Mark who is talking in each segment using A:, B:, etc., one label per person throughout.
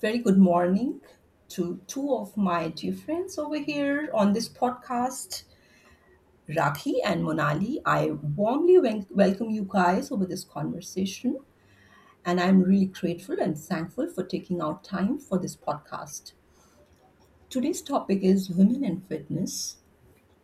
A: Very good morning to two of my dear friends over here on this podcast, Rakhi and Monali. I warmly welcome you guys over this conversation, and I'm really grateful and thankful for taking out time for this podcast. Today's topic is women and fitness,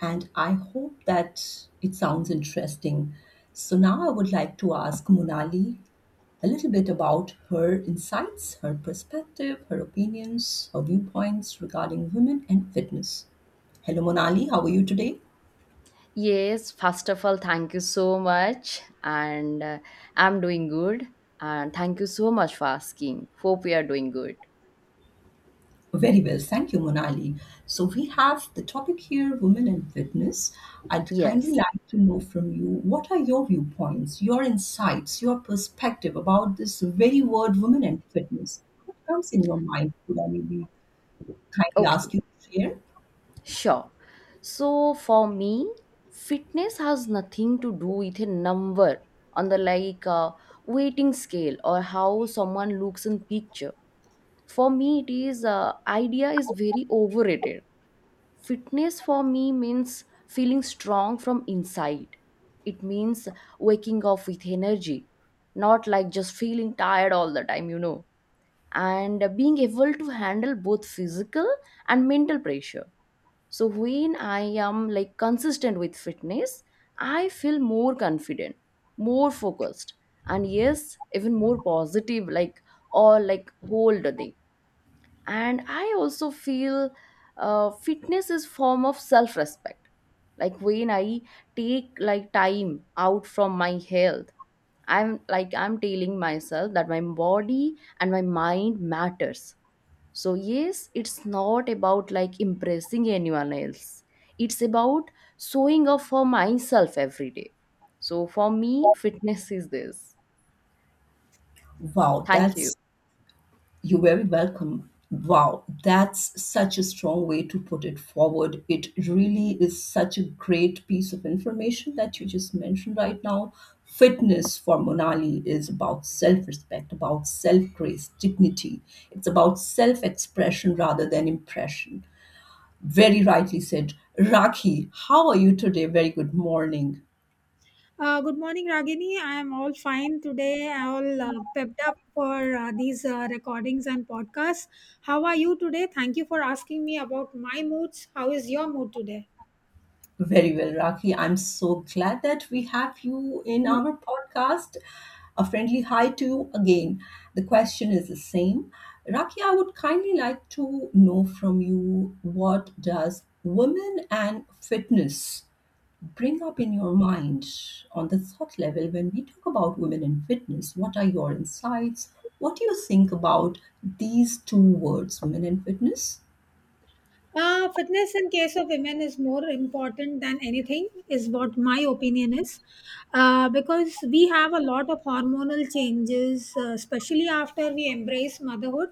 A: and I hope that it sounds interesting. So now I would like to ask Monali a little bit about her insights, her perspective, her opinions, her viewpoints regarding women and fitness. Hello, Monali. How are you today?
B: Yes, first of all, thank you so much. And I'm doing good. And thank you so much for asking. Hope we are doing good.
A: Very well. Thank you, Monali. So, we have the topic here women and fitness. I'd kindly
B: Yes.
A: like to know from you what are your viewpoints, your insights, your perspective about this very word women and fitness? What comes in your mind? Could I maybe kindly ask
B: Okay.
A: you to share?
B: Sure. So for me, fitness has nothing to do with a number on the weighting scale or how someone looks in picture. For me, it is, idea is very overrated. Fitness for me means feeling strong from inside. It means waking up with energy, not like just feeling tired all the time, and being able to handle both physical and mental pressure. So when I am like consistent with fitness, I feel more confident, more focused, and yes, even more positive, like all like whole the day. And I also feel, fitness is form of self respect, like when I take like time out from my health, I'm telling myself that my body and my mind matters. So yes, it's not about like impressing anyone else. It's about showing up for myself every day. So for me, fitness is this.
A: Wow,
B: Thank
A: that's.
B: you.
A: You're very welcome. Wow, that's such a strong way to put it forward. It really is such a great piece of information that you just mentioned right now. Fitness for Monali is about self respect, about self grace, dignity. It's about self expression rather than impression. Very rightly said. Raki, how are you today? Very good morning.
C: Good morning, Ragini. I am all fine today. I all pepped up for these recordings and podcasts. How are you today? Thank you for asking me about my moods. How is your mood today?
A: Very well, Rakhi. I'm so glad that we have you in our podcast. A friendly hi to you again. The question is the same. Rakhi, I would kindly like to know from you what does women and fitness bring up in your mind on the thought level when we talk about women and fitness? What are your insights? What do you think about these two words, women and fitness?
C: Fitness in case of women is more important than anything, is what my opinion is. Because we have a lot of hormonal changes, especially after we embrace motherhood.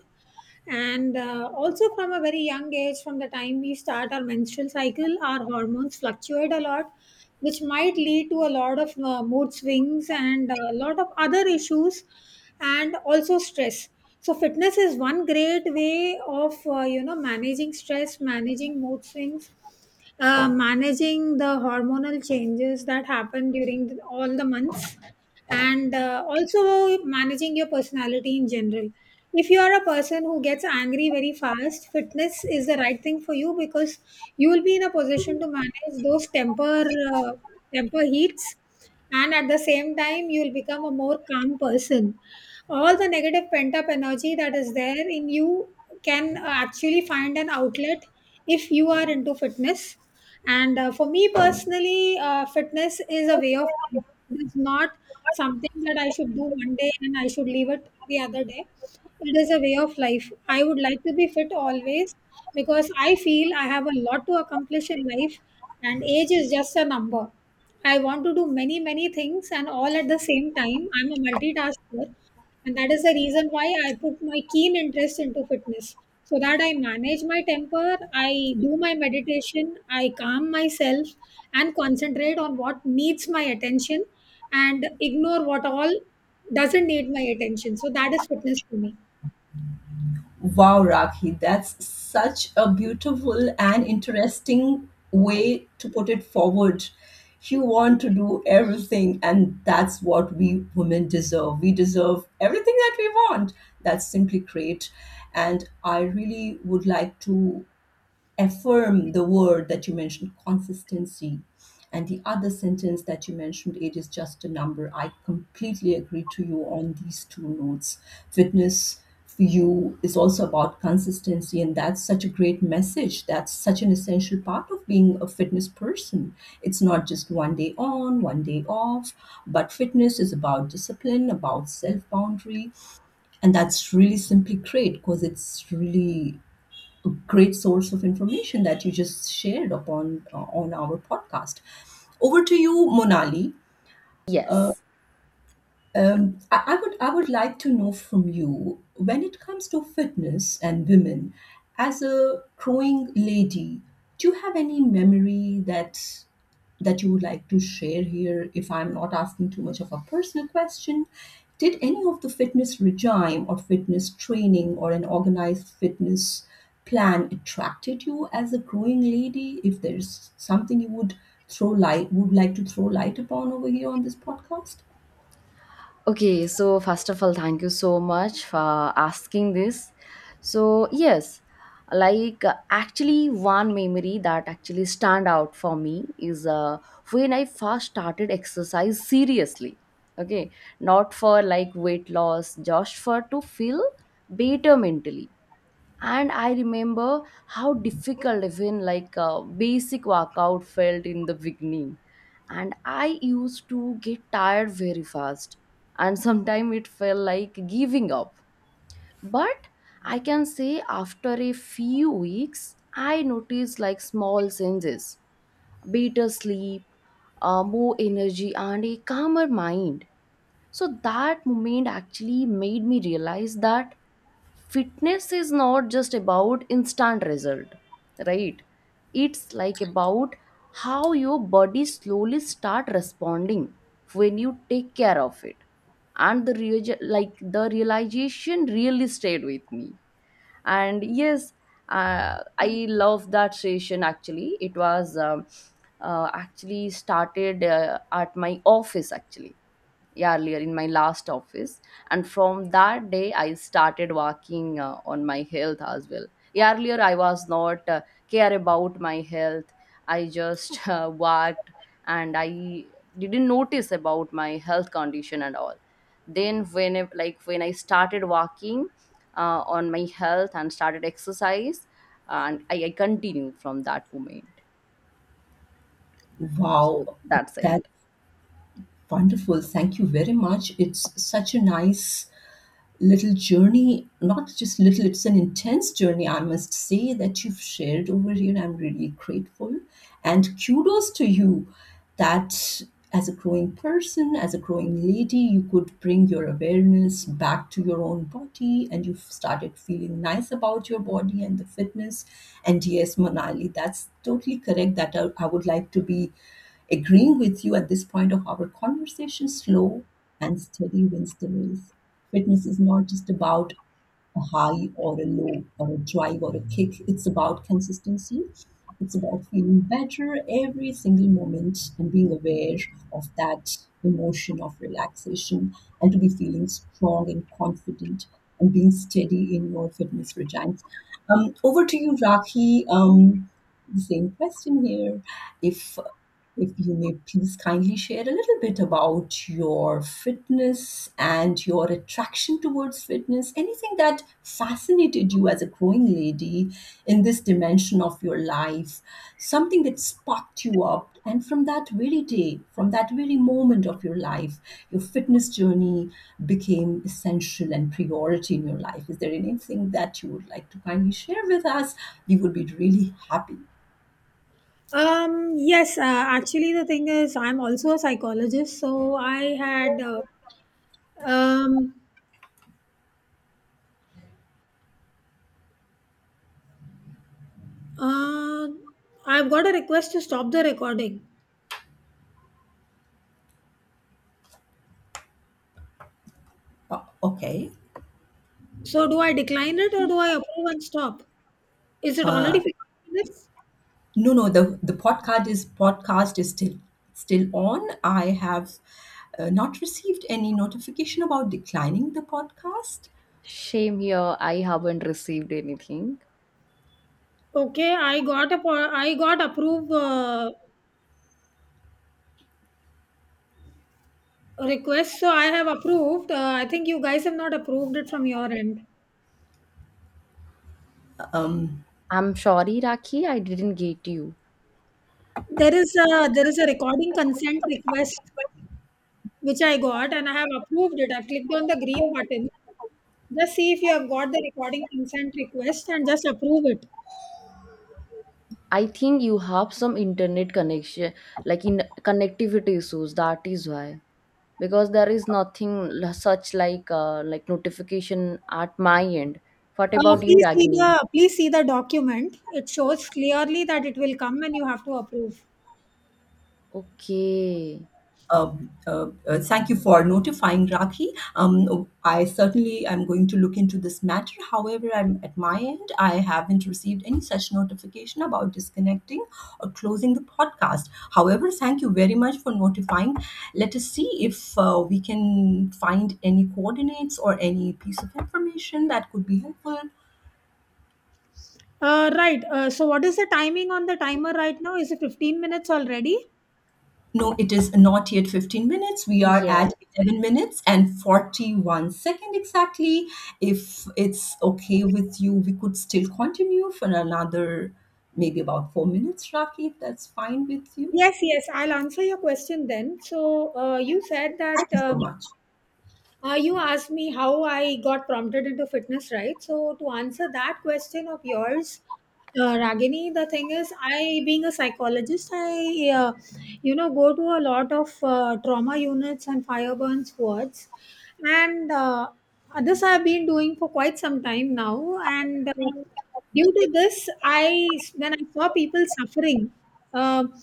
C: And also, from a very young age, from the time we start our menstrual cycle, our hormones fluctuate a lot which might lead to a lot of mood swings and a lot of other issues and also stress. So fitness is one great way of you know managing stress, managing mood swings, managing the hormonal changes that happen during all the months, and also managing your personality in general. If you are a person who gets angry very fast, fitness is the right thing for you, because you will be in a position to manage those temper, uh, temper heats, and at the same time you will become a more calm person. All the negative pent up energy that is there in you can actually find an outlet if you are into fitness. And for me personally, fitness is a way of life. It is not something that I should do one day and I should leave it the other day. It is a way of life. I would like to be fit always, because I feel I have a lot to accomplish in life, and age is just a number. I want to do many, many things and all at the same time. I'm a multitasker, and that is the reason why I put my keen interest into fitness, so that I manage my temper, I do my meditation, I calm myself and concentrate on what needs my attention, and ignore what all doesn't need my attention. So that is fitness to me.
A: Wow, Rakhi, that's such a beautiful and interesting way to put it forward. You want to do everything, and that's what we women deserve. We deserve everything that we want. That's simply great. And I really would like to affirm the word that you mentioned, consistency. And the other sentence that you mentioned, it is just a number. I completely agree to you on these two notes. Fitness for you is also about consistency, and that's such a great message. That's such an essential part of being a fitness person. It's not just one day on, one day off, but fitness is about discipline, about self boundary, and that's really simply great because it's really great source of information that you just shared upon on our podcast. Over to you, Monali. Uh,
B: Yes.
A: I would I would like to know from you when it comes to fitness and women, as a growing lady, do you have any memory that you would like to share here? If I'm not asking too much of a personal question, did any of the fitness regime or fitness training or an organized fitness plan attracted you as a growing lady? If there's something you would throw light would like to throw light upon over here on this podcast?
B: Okay, so first of all, thank you so much for asking this. So, yes, one memory that actually stand out for me is when I first started exercise seriously. Okay, not for like weight loss, just for to feel better mentally. And I remember how difficult even like a basic workout felt in the beginning. And I used to get tired very fast, and sometimes it felt like giving up. But I can say after a few weeks I noticed like small changes: better sleep, more energy, and a calmer mind. So that moment actually made me realize that fitness is not just about instant result, right? It's like about how your body slowly start responding when you take care of it. And like the realization really stayed with me. And yes, I love that session. Actually, it was, actually started at my office actually. Yeah, earlier in my last office. And from that day I started working on my health as well. Earlier I was not, care about my health. I just worked, and I didn't notice about my health condition and all. Then like when I started working on my health and started exercise, and I continue from that moment. So
A: Wow,
B: that's it.
A: that's wonderful. Thank you very much. It's such a nice little journey, not just little, it's an intense journey, I must say, that you've shared over here. I'm really grateful. And kudos to you that as a growing person, as a growing lady, you could bring your awareness back to your own body and you've started feeling nice about your body and the fitness. And yes, Manali, that's totally correct. That I would like to be agreeing with you at this point of our conversation, slow and steady wins the race. Fitness is not just about a high or a low or a drive or a kick. It's about consistency. It's about feeling better every single moment and being aware of that emotion of relaxation and to be feeling strong and confident and being steady in your fitness regimes. Over to you, Rakhi. The same question here. If if you may please kindly share a little bit about your fitness and your attraction towards fitness, anything that fascinated you as a growing lady in this dimension of your life, something that sparked you up. And from that very day, from that very moment of your life, your fitness journey became essential and priority in your life. Is there anything that you would like to kindly share with us? We would be really happy.
C: Um, yes, actually the thing is I'm also a psychologist. So I had um uh, I've got a request to stop the recording.
A: Okay.
C: So do I decline it, or do I approve and stop? Is it already 15 minutes?
A: No, no, the podcast is still on. I have not received any notification about declining the podcast.
B: Shame here, I haven't received anything.
C: Okay, I got a I got approved request, so I have approved. I think you guys have not approved it from your end.
B: I'm sorry, Rakhi, I didn't get you.
C: There is a recording consent request which I got, and I have approved it. I clicked on the green button. Just see if you have got the recording consent request and just approve it.
B: I think you have some internet connection, like in connectivity issues. That is why, because there is nothing such like notification at my end. What about you, Ragini?
C: Please see the document. It shows clearly that it will come and you have to approve.
B: Okay.
A: Thank you for notifying Rakhi. I certainly am going to look into this matter. However, I'm at my end. I haven't received any such notification about disconnecting or closing the podcast. However, thank you very much for notifying. Let us see if we can find any coordinates or any piece of information that could be helpful.
C: Right. So what is the timing on the timer right now? Is it 15 minutes already?
A: No, it is not yet 15 minutes. We are at 11 minutes and 41-second exactly. If it's okay with you, we could still continue for another maybe about 4 minutes, Raki, if that's fine with you.
C: Yes, yes, I'll answer your question then. So, you said that
A: Thank you so much.
C: you asked me how I got prompted into fitness, right? So, to answer that question of yours, Ragini, the thing is, I, being a psychologist, you know, go to a lot of trauma units and fire burns wards, and this I've been doing for quite some time now. And due to this, I when I saw people suffering, um,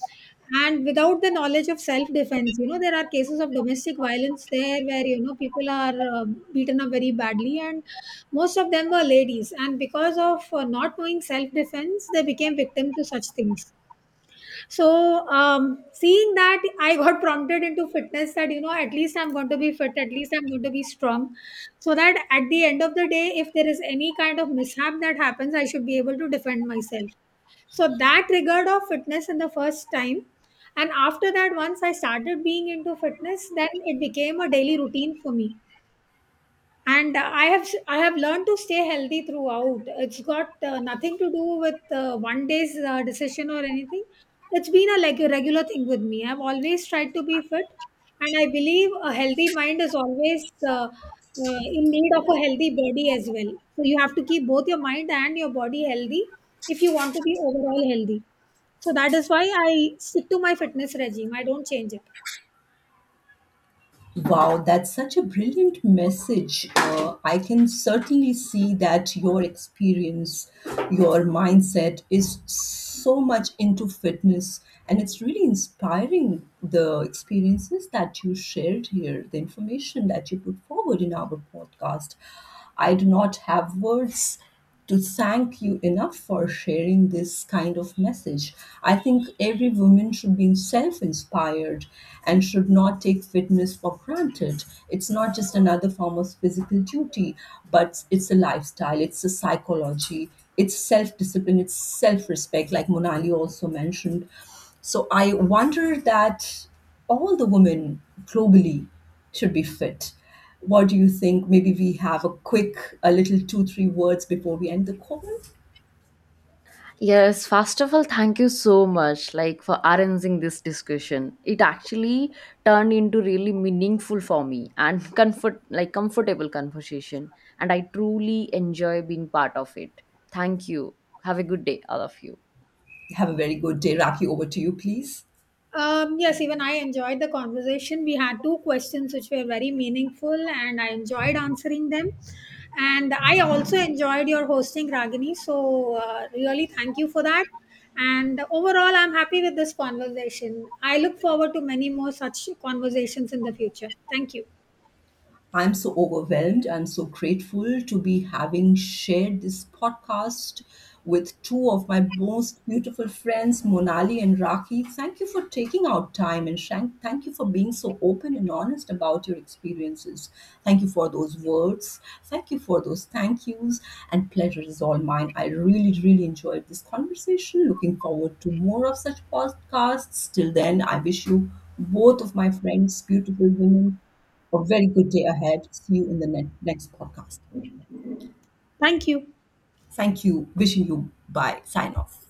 C: and without the knowledge of self defense, you know, there are cases of domestic violence there where you know people are beaten up very badly, and most of them were ladies, and because of not knowing self defense they became victim to such things. So, seeing that, I got prompted into fitness that, you know, at least I'm going to be fit, at least I'm going to be strong. So that at the end of the day, if there is any kind of mishap that happens, I should be able to defend myself. So that triggered off fitness in the first time. And after that, once I started being into fitness, then it became a daily routine for me, and I have learned to stay healthy throughout. It's got nothing to do with one day's decision or anything. It's been a like a regular thing with me. I've always tried to be fit, and I believe a healthy mind is always in need of a healthy body as well. So you have to keep both your mind and your body healthy if you want to be overall healthy. So that is why I stick to my fitness regime, I don't change it.
A: Wow, that's such a brilliant message. I can certainly see that your experience, your mindset is so much into fitness, and it's really inspiring the experiences that you shared here, the information that you put forward in our podcast. I do not have words to thank you enough for sharing this kind of message. I think every woman should be self inspired and should not take fitness for granted. It's not just another form of physical duty, but it's a lifestyle, it's a psychology, it's self discipline, it's self respect, like Monali also mentioned. So I wonder that all the women globally should be fit. What do you think? Maybe we have a quick, a little two, three words before we end the call.
B: Yes, first of all, thank you so much, like for arranging this discussion. It actually turned into really meaningful for me and comfortable conversation, and I truly enjoy being part of it. Thank you. Have a good day, all of you.
A: Have a very good day, Raki. Over to you, please.
C: Yes, even I enjoyed the conversation. We had two questions which were very meaningful, and I enjoyed answering them. And I also enjoyed your hosting, Ragini. So, really, thank you for that. And overall, I'm happy with this conversation. I look forward to many more such conversations in the future. Thank you.
A: I'm so overwhelmed. I'm so grateful to be having shared this podcast with two of my most beautiful friends, Monali and Raki. Thank you for taking out time and Shank, thank you for being so open and honest about your experiences. Thank you for those words. Thank you for those thank yous. And pleasure is all mine. I really, really enjoyed this conversation. Looking forward to more of such podcasts. Till then, I wish you both of my friends, beautiful women, a very good day ahead. See you in the next podcast.
C: Thank you.
A: Thank you. Wishing you bye. Sign off.